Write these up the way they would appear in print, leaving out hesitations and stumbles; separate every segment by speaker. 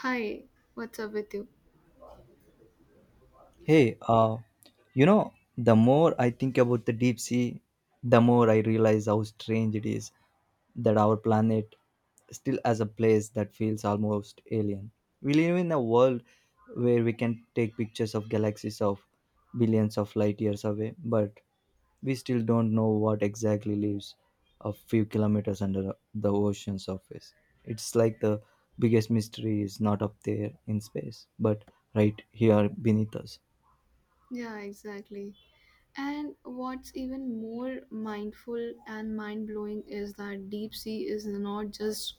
Speaker 1: Hi, what's up with you?
Speaker 2: Hey, uh, the more I think about the deep sea, the more I realize how strange it is that our planet still has a place that feels almost alien. We live in a world where we can take pictures of galaxies of billions of light years away, but we still don't know what exactly lives a few kilometers under the ocean surface. It's like the biggest mystery is not up there in space, but right here beneath us.
Speaker 1: Yeah, exactly. And what's even more mindful and mind blowing is that deep sea is not just,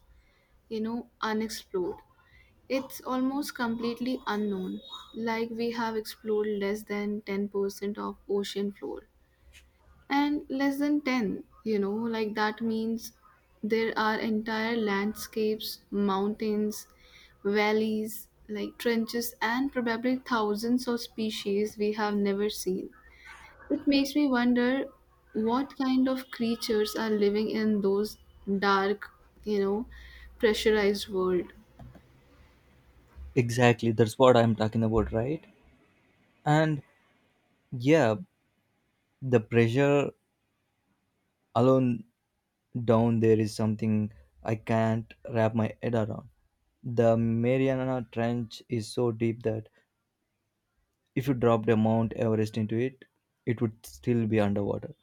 Speaker 1: unexplored. It's almost completely unknown. Like we have explored less than 10% of ocean floor. And less than 10, like that means there are entire landscapes, mountains, valleys, like trenches, and probably thousands of species we have never seen. It makes me wonder what kind of creatures are living in those dark, you know pressurized world.
Speaker 2: Exactly, that's what I'm talking about, right? And yeah, the pressure alone down there is something I can't wrap my head around. The Mariana Trench is so deep that if you dropped a Mount Everest into it, it would still be underwater.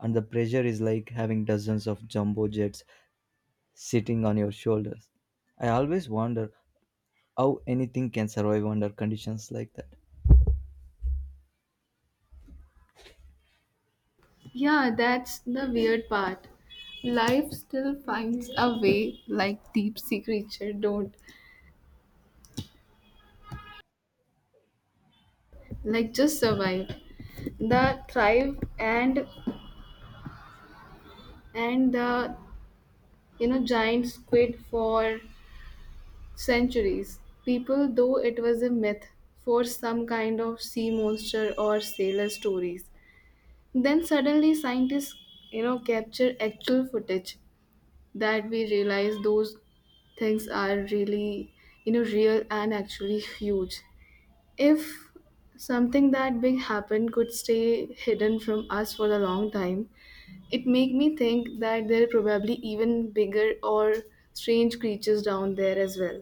Speaker 2: And the pressure is like having dozens of jumbo jets sitting on your shoulders. I always wonder how anything can survive under conditions like that.
Speaker 1: Yeah, that's the weird part. Life still finds a way. Like deep sea creature don't like just survived, the thrive, and the giant squid. For centuries people though it was a myth, for some kind of sea monster or sailor stories. Then suddenly scientists, capture actual footage that we realize those things are really, real and actually huge. If something that big happened could stay hidden from us for a long time, it made me think that there are probably even bigger or strange creatures down there as well.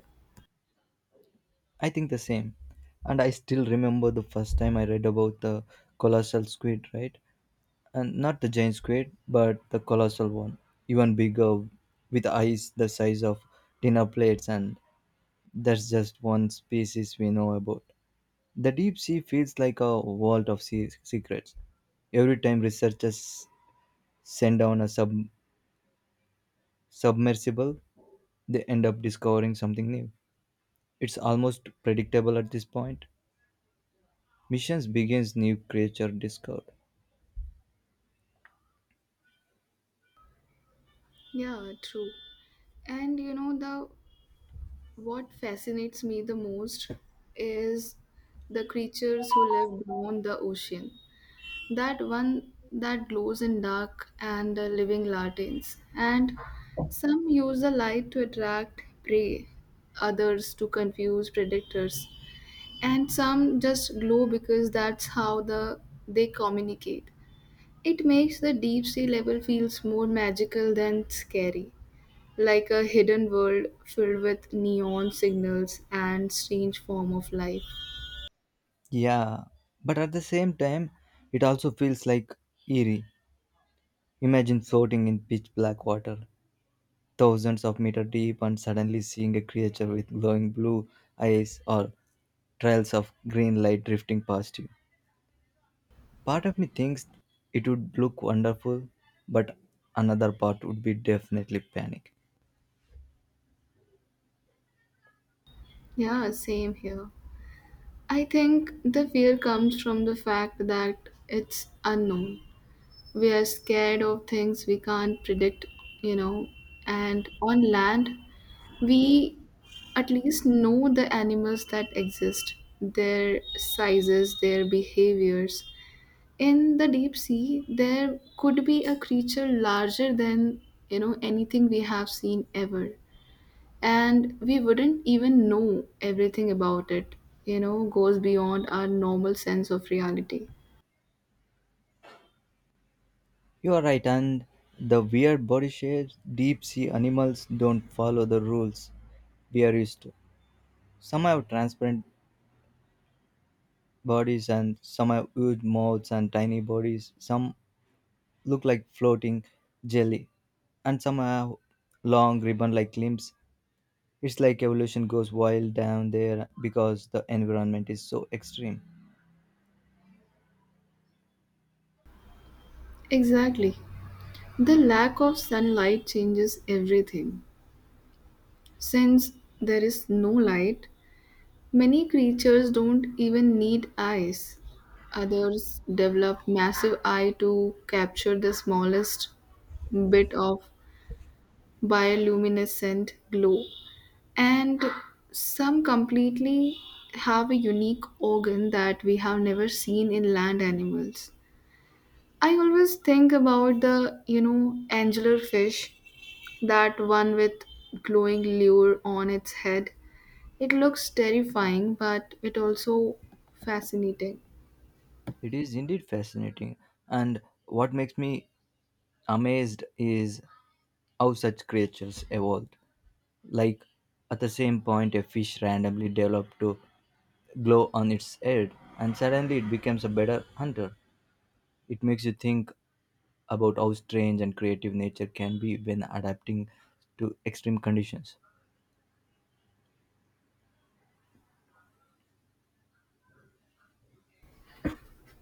Speaker 2: I think the same. And I still remember the first time I read about the colossal squid, right? And not the giant squid, but the colossal one, even bigger, with eyes the size of dinner plates. And that's just one species we know about. The deep sea feels like a vault of secrets. Every time researchers send down a submersible, they end up discovering something new. It's almost predictable at this point. Missions begins, new creature discovered.
Speaker 1: Yeah, true. And you know the what fascinates me the most is the creatures who live beyond the ocean. That one that glows in dark and the living lanterns. And some use the light to attract prey, others to confuse predators. And some just glow because that's how they communicate. It makes the deep sea level feels more magical than scary, like a hidden world filled with neon signals and strange form of life.
Speaker 2: Yeah, but at the same time it also feels like eerie. Imagine floating in pitch black water thousands of meter deep and suddenly seeing a creature with glowing blue eyes or trails of green light drifting past you. Part of me thinks it would look wonderful, but another part would be definitely panic.
Speaker 1: Yeah, same here. I think the fear comes from the fact that it's unknown. We are scared of things we can't predict, you know and on land we at least know the animals that exist, their sizes, their behaviors. In the deep sea there could be a creature larger than, anything we have seen ever, and we wouldn't even know everything about it. You know goes beyond our normal sense of reality.
Speaker 2: You are right, and the weird body shapes, deep sea animals don't follow the rules we are used to. Some have transparent bodies and some have huge mouths and tiny bodies. Some look like floating jelly and some have long ribbon like limbs. It's like evolution goes wild down there because the environment is so extreme.
Speaker 1: Exactly. The lack of sunlight changes everything. Since there is no light, many creatures don't even need eyes. Others develop massive eye to capture the smallest bit of bioluminescent glow. And some completely have a unique organ that we have never seen in land animals. I always think about the, angular fish, that one with glowing lure on its head. It looks terrifying, but it also fascinating.
Speaker 2: It is indeed fascinating. And what makes me amazed is how such creatures evolved. Like at the same point, a fish randomly developed to glow on its head, and suddenly it becomes a better hunter. It makes you think about how strange and creative nature can be when adapting to extreme conditions.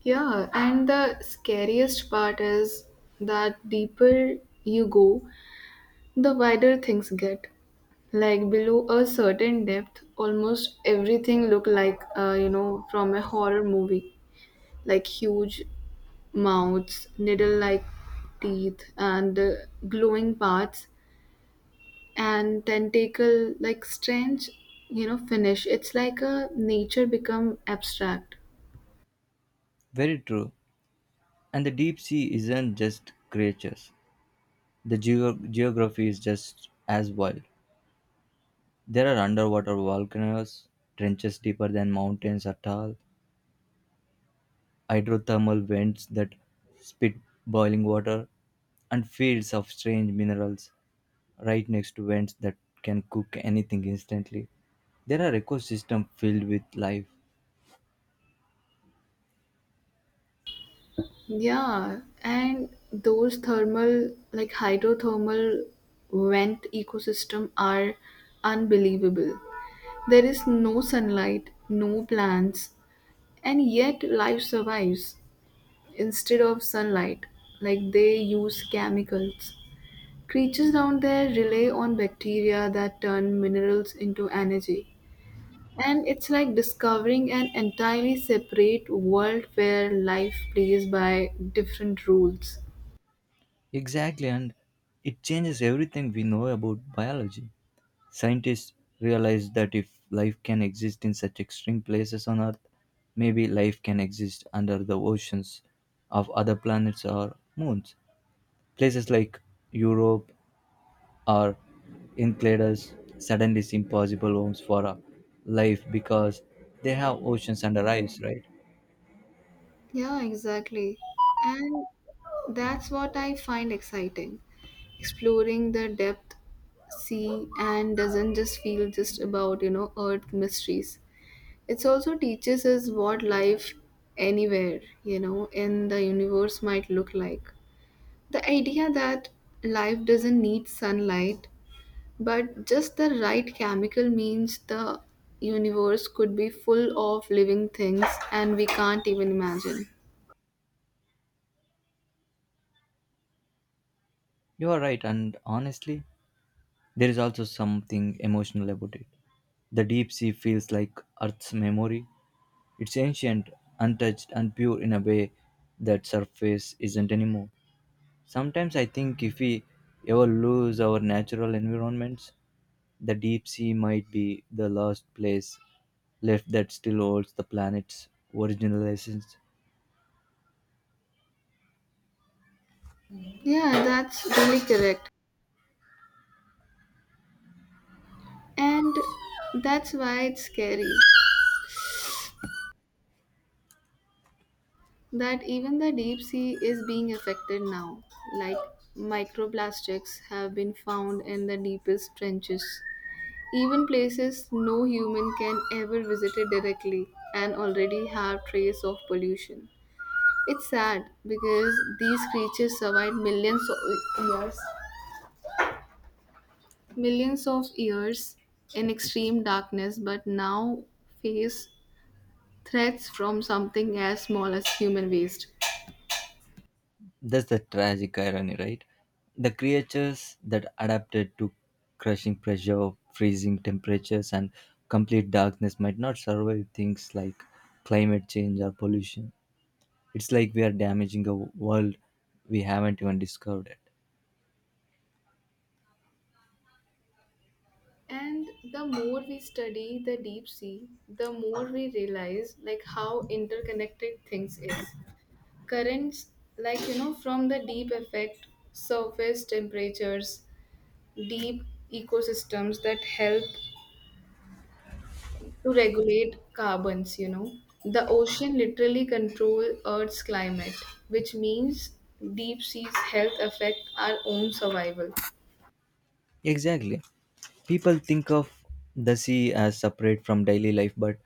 Speaker 1: Yeah, and the scariest part is that deeper you go, the wider things get. Like below a certain depth, almost everything look like from a horror movie, like huge mouths, needle-like teeth, and glowing parts and tentacle like strange, finish. It's like a nature become abstract.
Speaker 2: Very true. And the deep sea isn't just creatures. The geography is just as wild. There are underwater volcanoes, trenches deeper than mountains are tall, hydrothermal vents that spit boiling water, and fields of strange minerals right next to vents that can cook anything instantly. There are ecosystems filled with life.
Speaker 1: Yeah, and those thermal like hydrothermal vent ecosystem are unbelievable. There is no sunlight, no plants, and yet life survives. Instead of sunlight, like they use chemicals. Creatures down there rely on bacteria that turn minerals into energy. And it's like discovering an entirely separate world where life plays by different rules.
Speaker 2: Exactly, and it changes everything we know about biology. Scientists realize that if life can exist in such extreme places on Earth, maybe life can exist under the oceans of other planets or moons. Places like Europe or Enceladus suddenly seem possible homes for life because they have oceans under ice, right?
Speaker 1: Yeah, exactly. And that's what I find exciting. Exploring the depth, sea, and doesn't just feel just about, earth mysteries. It also teaches us what life anywhere, in the universe might look like. The idea that life doesn't need sunlight, but just the right chemical means the universe could be full of living things and we can't even imagine.
Speaker 2: You are right, and honestly, there is also something emotional about it. The deep sea feels like Earth's memory. It's ancient, untouched, and pure in a way that surface isn't anymore. Sometimes I think if we ever lose our natural environments, the deep sea might be the last place left that still holds the planet's original essence.
Speaker 1: Yeah, that's really correct. And that's why it's scary that even the deep sea is being affected now. Like microplastics have been found in the deepest trenches, even places no human can ever visit it directly and already have trace of pollution. It's sad because these creatures survived millions of years in extreme darkness, but now face threats from something as small as human waste.
Speaker 2: That's the tragic irony, right? The creatures that adapted to crushing pressure, freezing temperatures, and complete darkness might not survive things like climate change or pollution. It's like we are damaging a world we haven't even discovered yet.
Speaker 1: And the more we study the deep sea, the more we realize like how interconnected things is. Currents, like from the deep affect surface temperatures, deep ecosystems that help to regulate carbons, The ocean literally control Earth's climate, which means deep sea's health affect our own survival.
Speaker 2: Exactly. People think of the sea as separate from daily life, but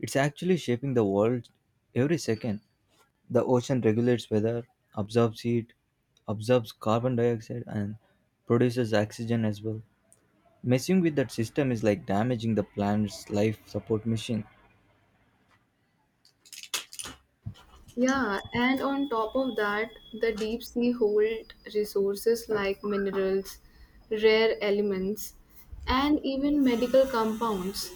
Speaker 2: it's actually shaping the world every second. The ocean regulates weather, absorbs heat, absorbs carbon dioxide, and produces oxygen as well. Messing with that system is like damaging the planet's life support machine.
Speaker 1: Yeah, and on top of that, the deep sea hold resources like minerals, rare elements, and even medical compounds.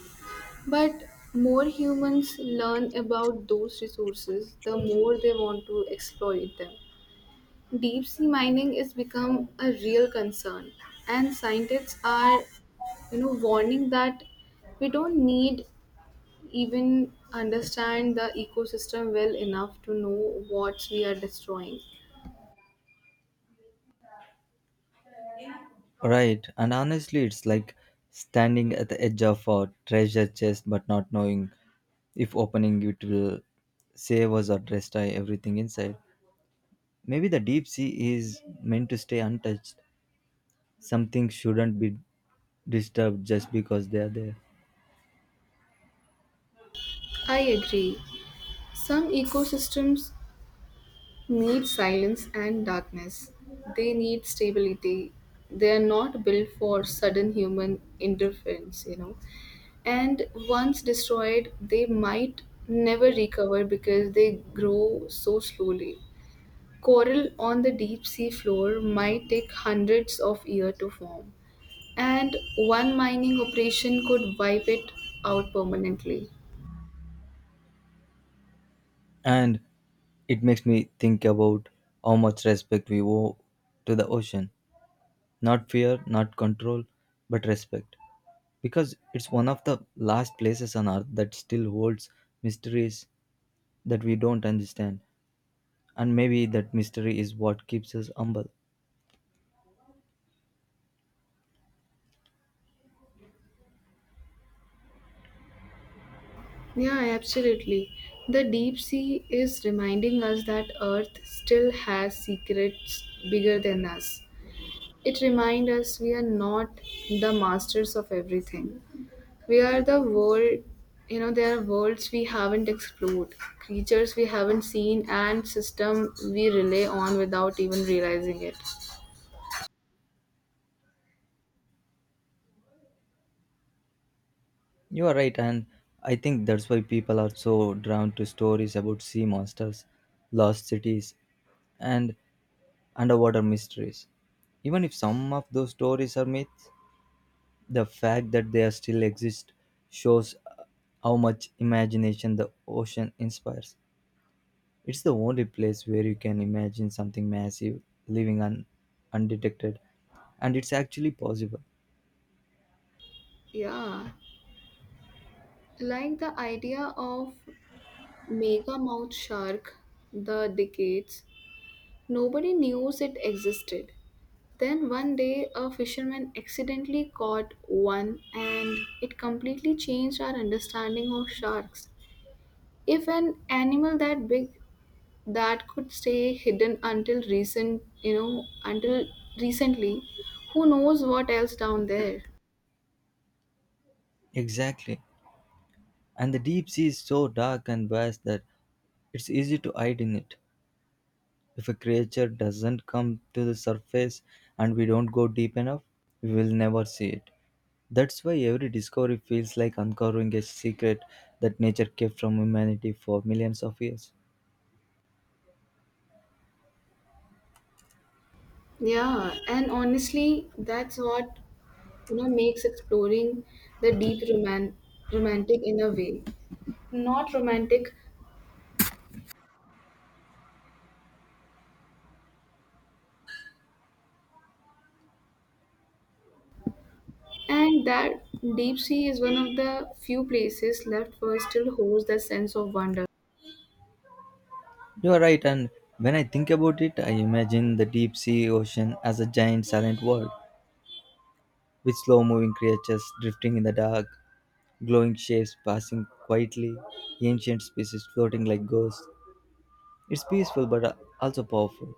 Speaker 1: But more humans learn about those resources, the more they want to exploit them. Deep sea mining is become a real concern, and scientists are, warning that we don't need even understand the ecosystem well enough to know what we are destroying.
Speaker 2: Right, and honestly, it's like standing at the edge of a treasure chest but not knowing if opening it will save us or destroy everything inside. Maybe the deep sea is meant to stay untouched. Some things shouldn't be disturbed just because they are there.
Speaker 1: I agree. Some ecosystems need silence and darkness. They need stability. They are not built for sudden human interference, And once destroyed, they might never recover because they grow so slowly. Coral on the deep sea floor might take hundreds of years to form, and one mining operation could wipe it out permanently.
Speaker 2: And it makes me think about how much respect we owe to the ocean. Not fear, not control, but respect. Because it's one of the last places on earth that still holds mysteries that we don't understand. And maybe that mystery is what keeps us humble.
Speaker 1: Yeah, absolutely. The deep sea is reminding us that Earth still has secrets bigger than us. It reminds us we are not the masters of everything. We are the world, there are worlds we haven't explored, creatures we haven't seen, and system we rely on without even realizing it.
Speaker 2: You are right, and I think that's why people are so drawn to stories about sea monsters, lost cities, and underwater mysteries. Even if some of those stories are myths, the fact that they still exist shows how much imagination the ocean inspires. It's the only place where you can imagine something massive living undetected, and it's actually possible.
Speaker 1: Yeah, like the idea of mega mouth shark, the decades. Nobody knew it existed. Then one day, a fisherman accidentally caught one, and it completely changed our understanding of sharks. If an animal that big that could stay hidden until recent, until recently, who knows what else down there?
Speaker 2: Exactly. And the deep sea is so dark and vast that it's easy to hide in it. If a creature doesn't come to the surface and we don't go deep enough, we will never see it. That's why every discovery feels like uncovering a secret that nature kept from humanity for millions of years.
Speaker 1: Yeah, and honestly, that's what makes exploring the romantic in a way, not romantic. And that deep sea is one of the few places left where still holds that sense of wonder.
Speaker 2: You are right, and when I think about it, I imagine the deep sea ocean as a giant silent world with slow moving creatures drifting in the dark, glowing shapes passing quietly, ancient species floating like ghosts. It's peaceful but also powerful.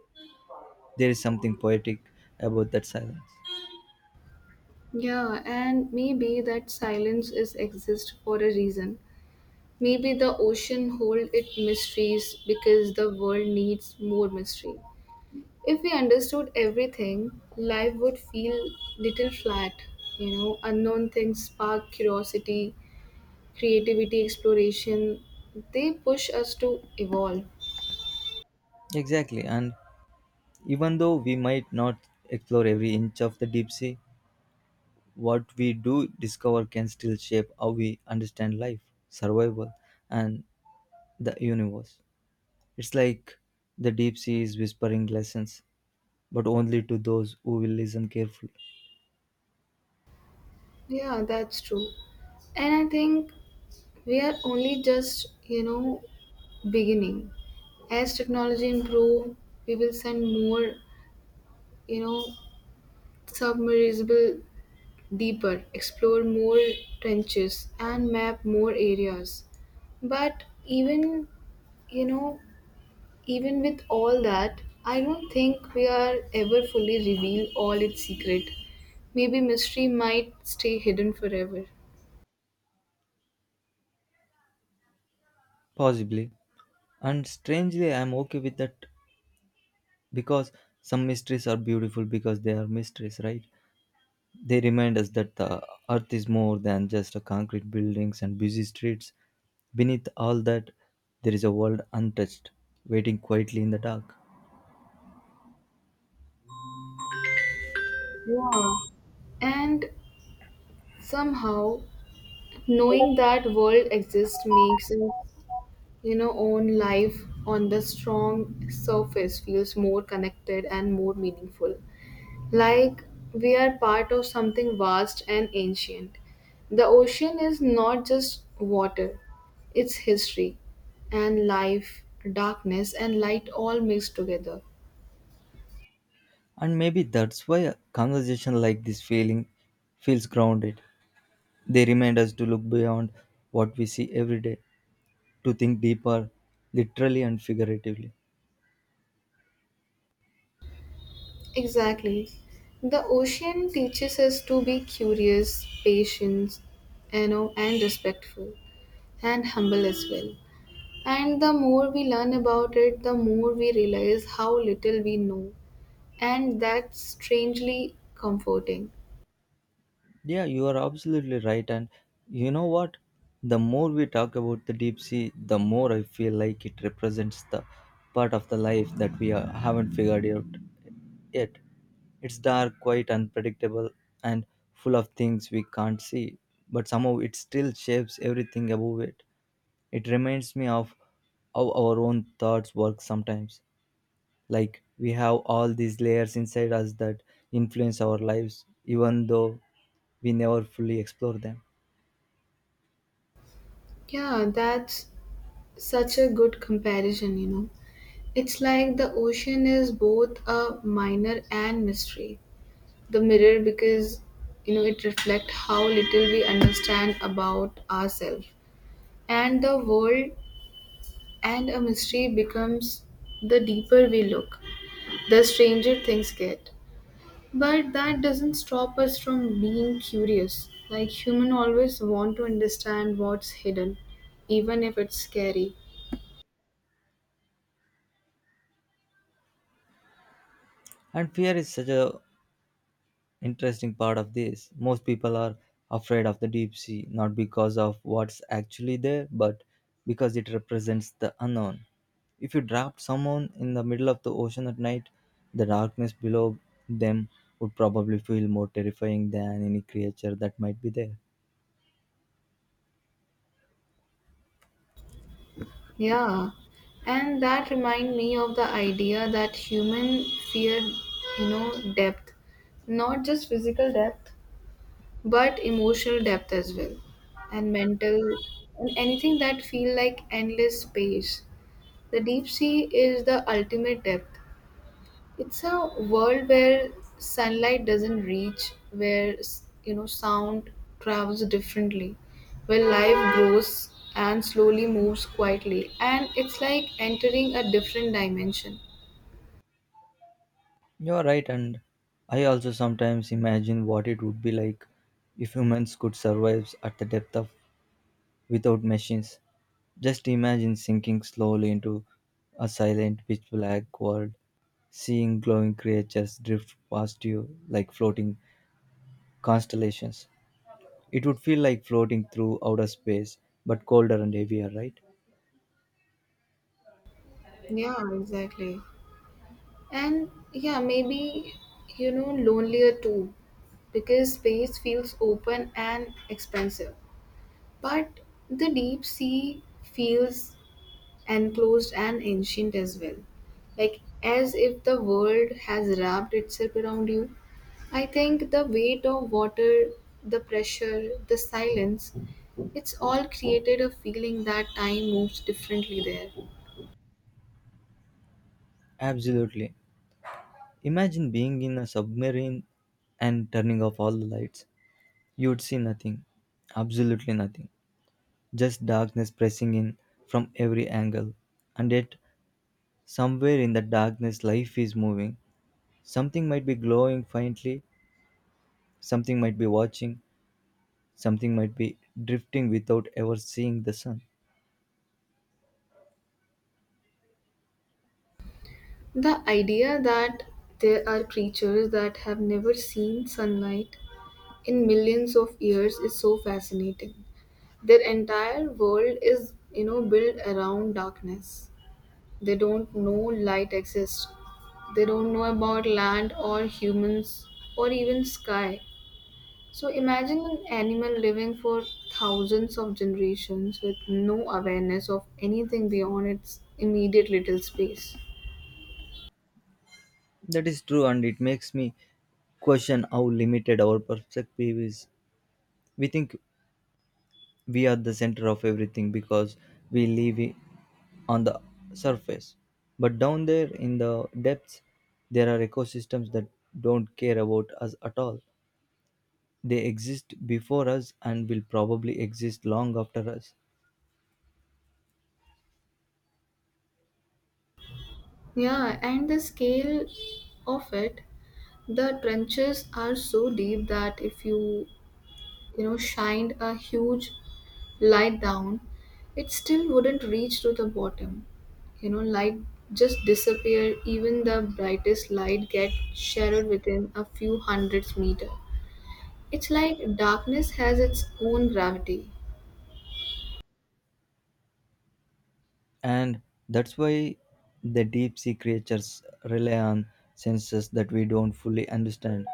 Speaker 2: There is something poetic about that silence.
Speaker 1: Yeah, and maybe that silence is exist for a reason. Maybe the ocean hold its mysteries because the world needs more mystery. If we understood everything, life would feel little flat. You know, unknown things spark curiosity, creativity, exploration. They push us to evolve.
Speaker 2: Exactly, and even though we might not explore every inch of the deep sea, what we do discover can still shape how we understand life, survival, and the universe. It's like the deep sea is whispering lessons, but only to those who will listen carefully.
Speaker 1: Yeah, that's true. And I think we are only just, beginning. As technology improve, we will send more, you know, submersible deeper, explore more trenches and map more areas. But even, you know, even with all that, I don't think we are ever fully reveal all its secret. Maybe mystery might stay hidden forever.
Speaker 2: Possibly. And strangely, I'm okay with that because some mysteries are beautiful because they are mysteries, right? They remind us that the earth is more than just a concrete buildings and busy streets. Beneath all that, there is a world untouched, waiting quietly in the dark.
Speaker 1: Yeah. And somehow knowing that world exists makes us, own life on the strong surface feels more connected and more meaningful, like we are part of something vast and ancient. The ocean is not just water, it's history and life, darkness and light all mixed together.
Speaker 2: And maybe that's why a conversation like this feeling feels grounded. They remind us to look beyond what we see every day, to think deeper, literally and figuratively.
Speaker 1: Exactly. The ocean teaches us to be curious, patient, and respectful, and humble as well. And the more we learn about it, the more we realize how little we know. And that's strangely comforting.
Speaker 2: Yeah, you are absolutely right. And you know what? The more we talk about the deep sea, the more I feel like it represents the part of the life that we are, haven't figured out yet. It's dark, quite unpredictable, and full of things we can't see, but somehow it still shapes everything above it. It reminds me of how our own thoughts work sometimes, like we have all these layers inside us that influence our lives even though we never fully explore them.
Speaker 1: Yeah, that's such a good comparison, It's like the ocean is both a minor and mystery. The mirror because, it reflects how little we understand about ourselves and the world. And a mystery becomes the deeper we look, the stranger things get. But that doesn't stop us from being curious, like human always want to understand what's hidden, even if it's scary.
Speaker 2: And fear is such a interesting part of this. Most people are afraid of the deep sea not because of what's actually there but because it represents the unknown. If you dropped someone in the middle of the ocean at night, the darkness below them would probably feel more terrifying than any creature that might be there.
Speaker 1: Yeah, and that remind me of the idea that human fear, depth, not just physical depth, but emotional depth as well, and mental, and anything that feel like endless space. The deep sea is the ultimate depth. It's a world where sunlight doesn't reach, where sound travels differently, where life grows and slowly moves quietly, and it's like entering a different dimension.
Speaker 2: You're right, and I also sometimes imagine what it would be like if humans could survive at the depth of without machines. Just imagine sinking slowly into a silent, pitch black world, seeing glowing creatures drift past you like floating constellations. It would feel like floating through outer space, but colder and heavier, right?
Speaker 1: Yeah, exactly. And yeah, maybe, lonelier too, because space feels open and expensive. But the deep sea feels enclosed and ancient as well. Like, as if the world has wrapped itself around you. I think the weight of water, the pressure, the silence, it's all created a feeling that time moves differently there.
Speaker 2: Absolutely. Imagine being in a submarine and turning off all the lights. You would see nothing, absolutely nothing, just darkness pressing in from every angle. And yet, somewhere in the darkness, life is moving. Something might be glowing faintly, something might be watching, something might be drifting without ever seeing the sun.
Speaker 1: The idea that there are creatures that have never seen sunlight in millions of years is so fascinating. Their entire world is, built around darkness. They don't know light exists. They don't know about land or humans or even sky. So imagine an animal living for thousands of generations with no awareness of anything beyond its immediate little space.
Speaker 2: That is true, and it makes me question how limited our perspective is. We think we are the center of everything because we live on the surface. But down there in the depths, there are ecosystems that don't care about us at all. They exist before us and will probably exist long after us.
Speaker 1: Yeah, and the scale of it, the trenches are so deep that if you, shined a huge light down, it still wouldn't reach to the bottom. You know, light just disappear. Even the brightest light get shattered within a few hundreds meter. It's like darkness has its own gravity.
Speaker 2: And that's why the deep sea creatures rely on senses that we don't fully understand.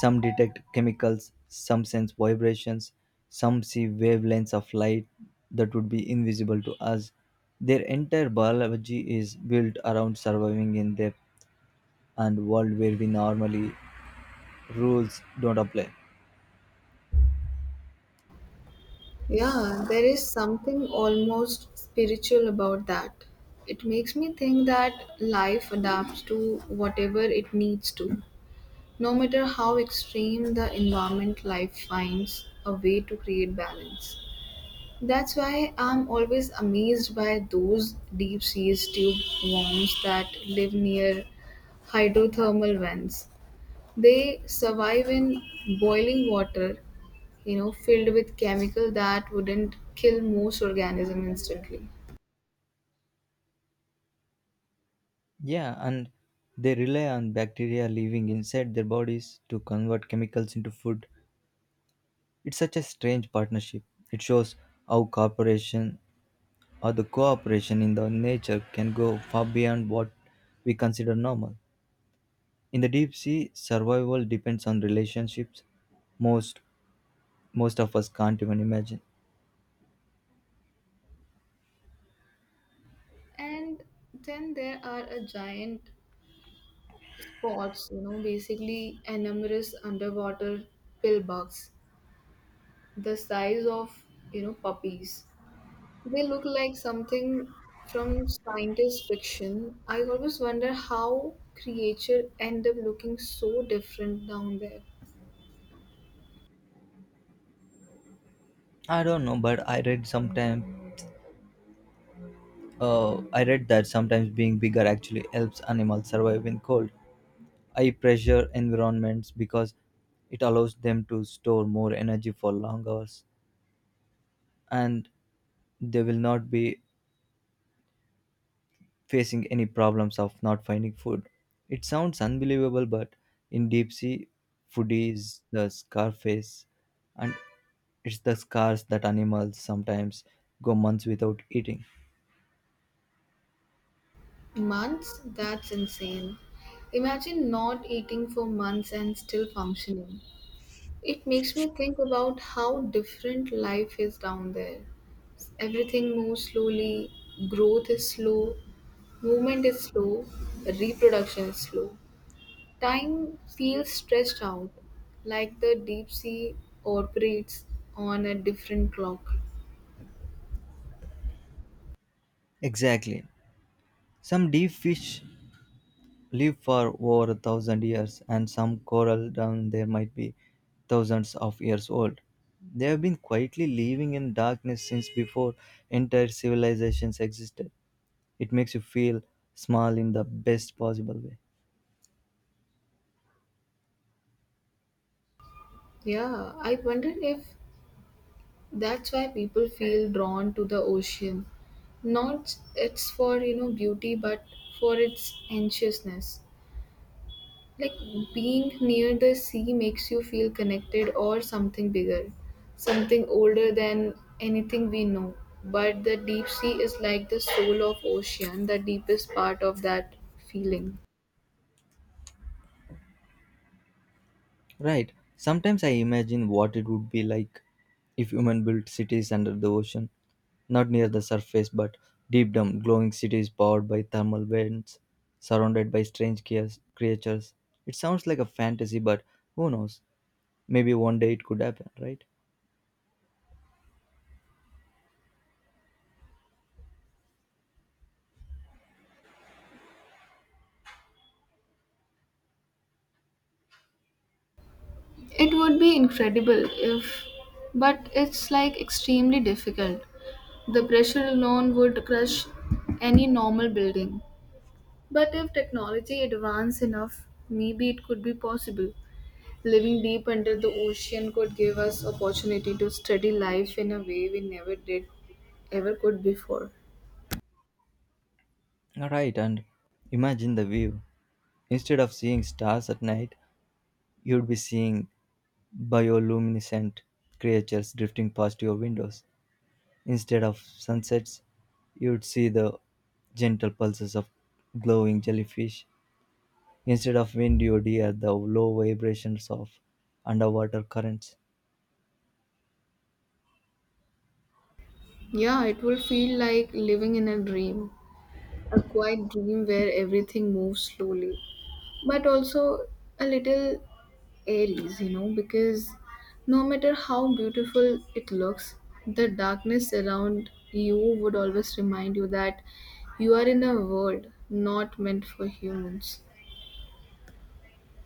Speaker 2: Some detect chemicals, some sense vibrations, some see wavelengths of light that would be invisible to us. Their entire biology is built around surviving in depth and world where we normally rules don't apply.
Speaker 1: Yeah, there is something almost spiritual about that. It makes me think that life adapts to whatever it needs to. No matter how extreme the environment, life finds a way to create balance. That's why I'm always amazed by those deep sea tube worms that live near hydrothermal vents. They survive in boiling water, filled with chemical that wouldn't kill most organism instantly.
Speaker 2: Yeah, and they rely on bacteria living inside their bodies to convert chemicals into food. It's such a strange partnership. It shows how cooperation or the cooperation in the nature can go far beyond what we consider normal. In the deep sea, survival depends on relationships most most of us can't even imagine.
Speaker 1: And then there are a giant spots, basically enormous underwater pill bugs, the size of, puppies. They look like something from scientist fiction. I always wonder how creature end up looking so different down there.
Speaker 2: I don't know, but I read that sometimes being bigger actually helps animals survive in cold, high pressure environments because it allows them to store more energy for long hours and they will not be facing any problems of not finding food. It sounds unbelievable, but in deep sea, food is the scarface and it's the scars that animals sometimes go months without eating.
Speaker 1: Months? That's insane. Imagine not eating for months and still functioning. It makes me think about how different life is down there. Everything moves slowly, growth is slow, movement is slow, reproduction is slow. Time feels stretched out, like the deep sea operates on a different clock.
Speaker 2: Exactly. Some deep fish live for over a thousand years, and some coral down there might be thousands of years old. They have been quietly living in darkness since before entire civilizations existed. It makes you feel small in the best possible way.
Speaker 1: Yeah, I wonder if that's why people feel drawn to the ocean. Not it's for, beauty, but for its anxiousness. Like being near the sea makes you feel connected or something bigger, something older than anything we know. But the deep sea is like the soul of ocean, the deepest part of that feeling.
Speaker 2: Right. Sometimes I imagine what it would be like if human built cities under the ocean, not near the surface but deep down, glowing cities powered by thermal vents, surrounded by strange creatures. It sounds like a fantasy, but who knows? Maybe one day it could happen, right?
Speaker 1: It would be incredible if, but it's like extremely difficult. The pressure alone would crush any normal building. But if technology advanced enough, maybe it could be possible. Living deep under the ocean could give us opportunity to study life in a way we never did ever could before.
Speaker 2: Right, and imagine the view. Instead of seeing stars at night, you'd be seeing bioluminescent creatures drifting past your windows. Instead of sunsets, you'd see the gentle pulses of glowing jellyfish. Instead of wind, you'd hear the low vibrations of underwater currents.
Speaker 1: Yeah, it will feel like living in a dream, a quiet dream where everything moves slowly, but also a little Aries, because no matter how beautiful it looks, the darkness around you would always remind you that you are in a world not meant for humans.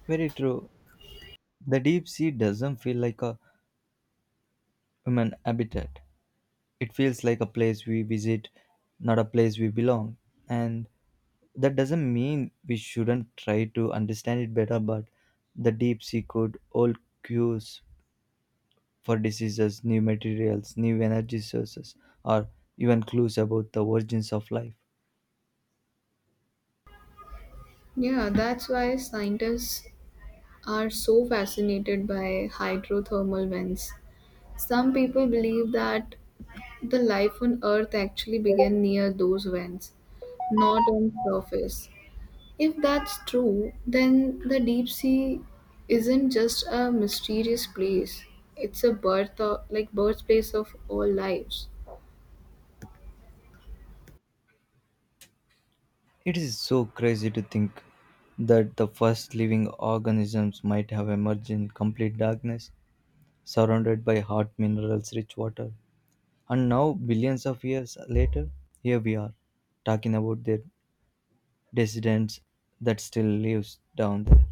Speaker 2: Very true. The deep sea doesn't feel like a human habitat. It feels like a place we visit, not a place we belong. And that doesn't mean we shouldn't try to understand it better, but the deep sea could hold cues for diseases, new materials, new energy sources, or even clues about the origins of life.
Speaker 1: Yeah, that's why scientists are so fascinated by hydrothermal vents. Some people believe that the life on Earth actually began near those vents, not on surface. If that's true, then the deep sea isn't just a mysterious place. It's a birthplace of all lives.
Speaker 2: It is so crazy to think that the first living organisms might have emerged in complete darkness, surrounded by hot minerals rich water. And now, billions of years later, here we are, talking about their descendants that still lives down there.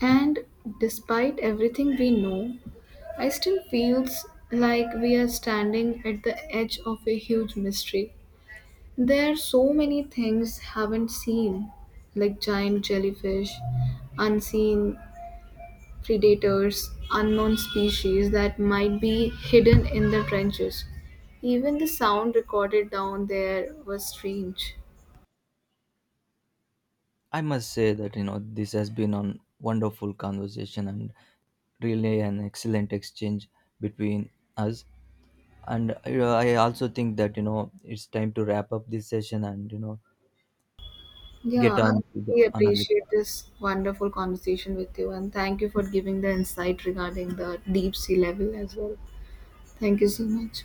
Speaker 1: And despite everything we know, I still feels like we are standing at the edge of a huge mystery. There are so many things haven't seen, like giant jellyfish, unseen predators, unknown species that might be hidden in the trenches. Even the sound recorded down there was strange.
Speaker 2: I must say that you know this has been a wonderful conversation and really an excellent exchange between us. And I also think that you know it's time to wrap up this session and you know
Speaker 1: Yeah,
Speaker 2: get
Speaker 1: I
Speaker 2: on to the
Speaker 1: really
Speaker 2: another.
Speaker 1: appreciate this wonderful conversation with you, and thank you for giving the insight regarding the deep sea level as well. Thank you so much.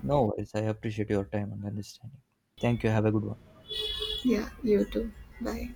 Speaker 2: No worries. I appreciate your time and understanding. Thank you. Have a good one.
Speaker 1: Yeah, you too. Bye.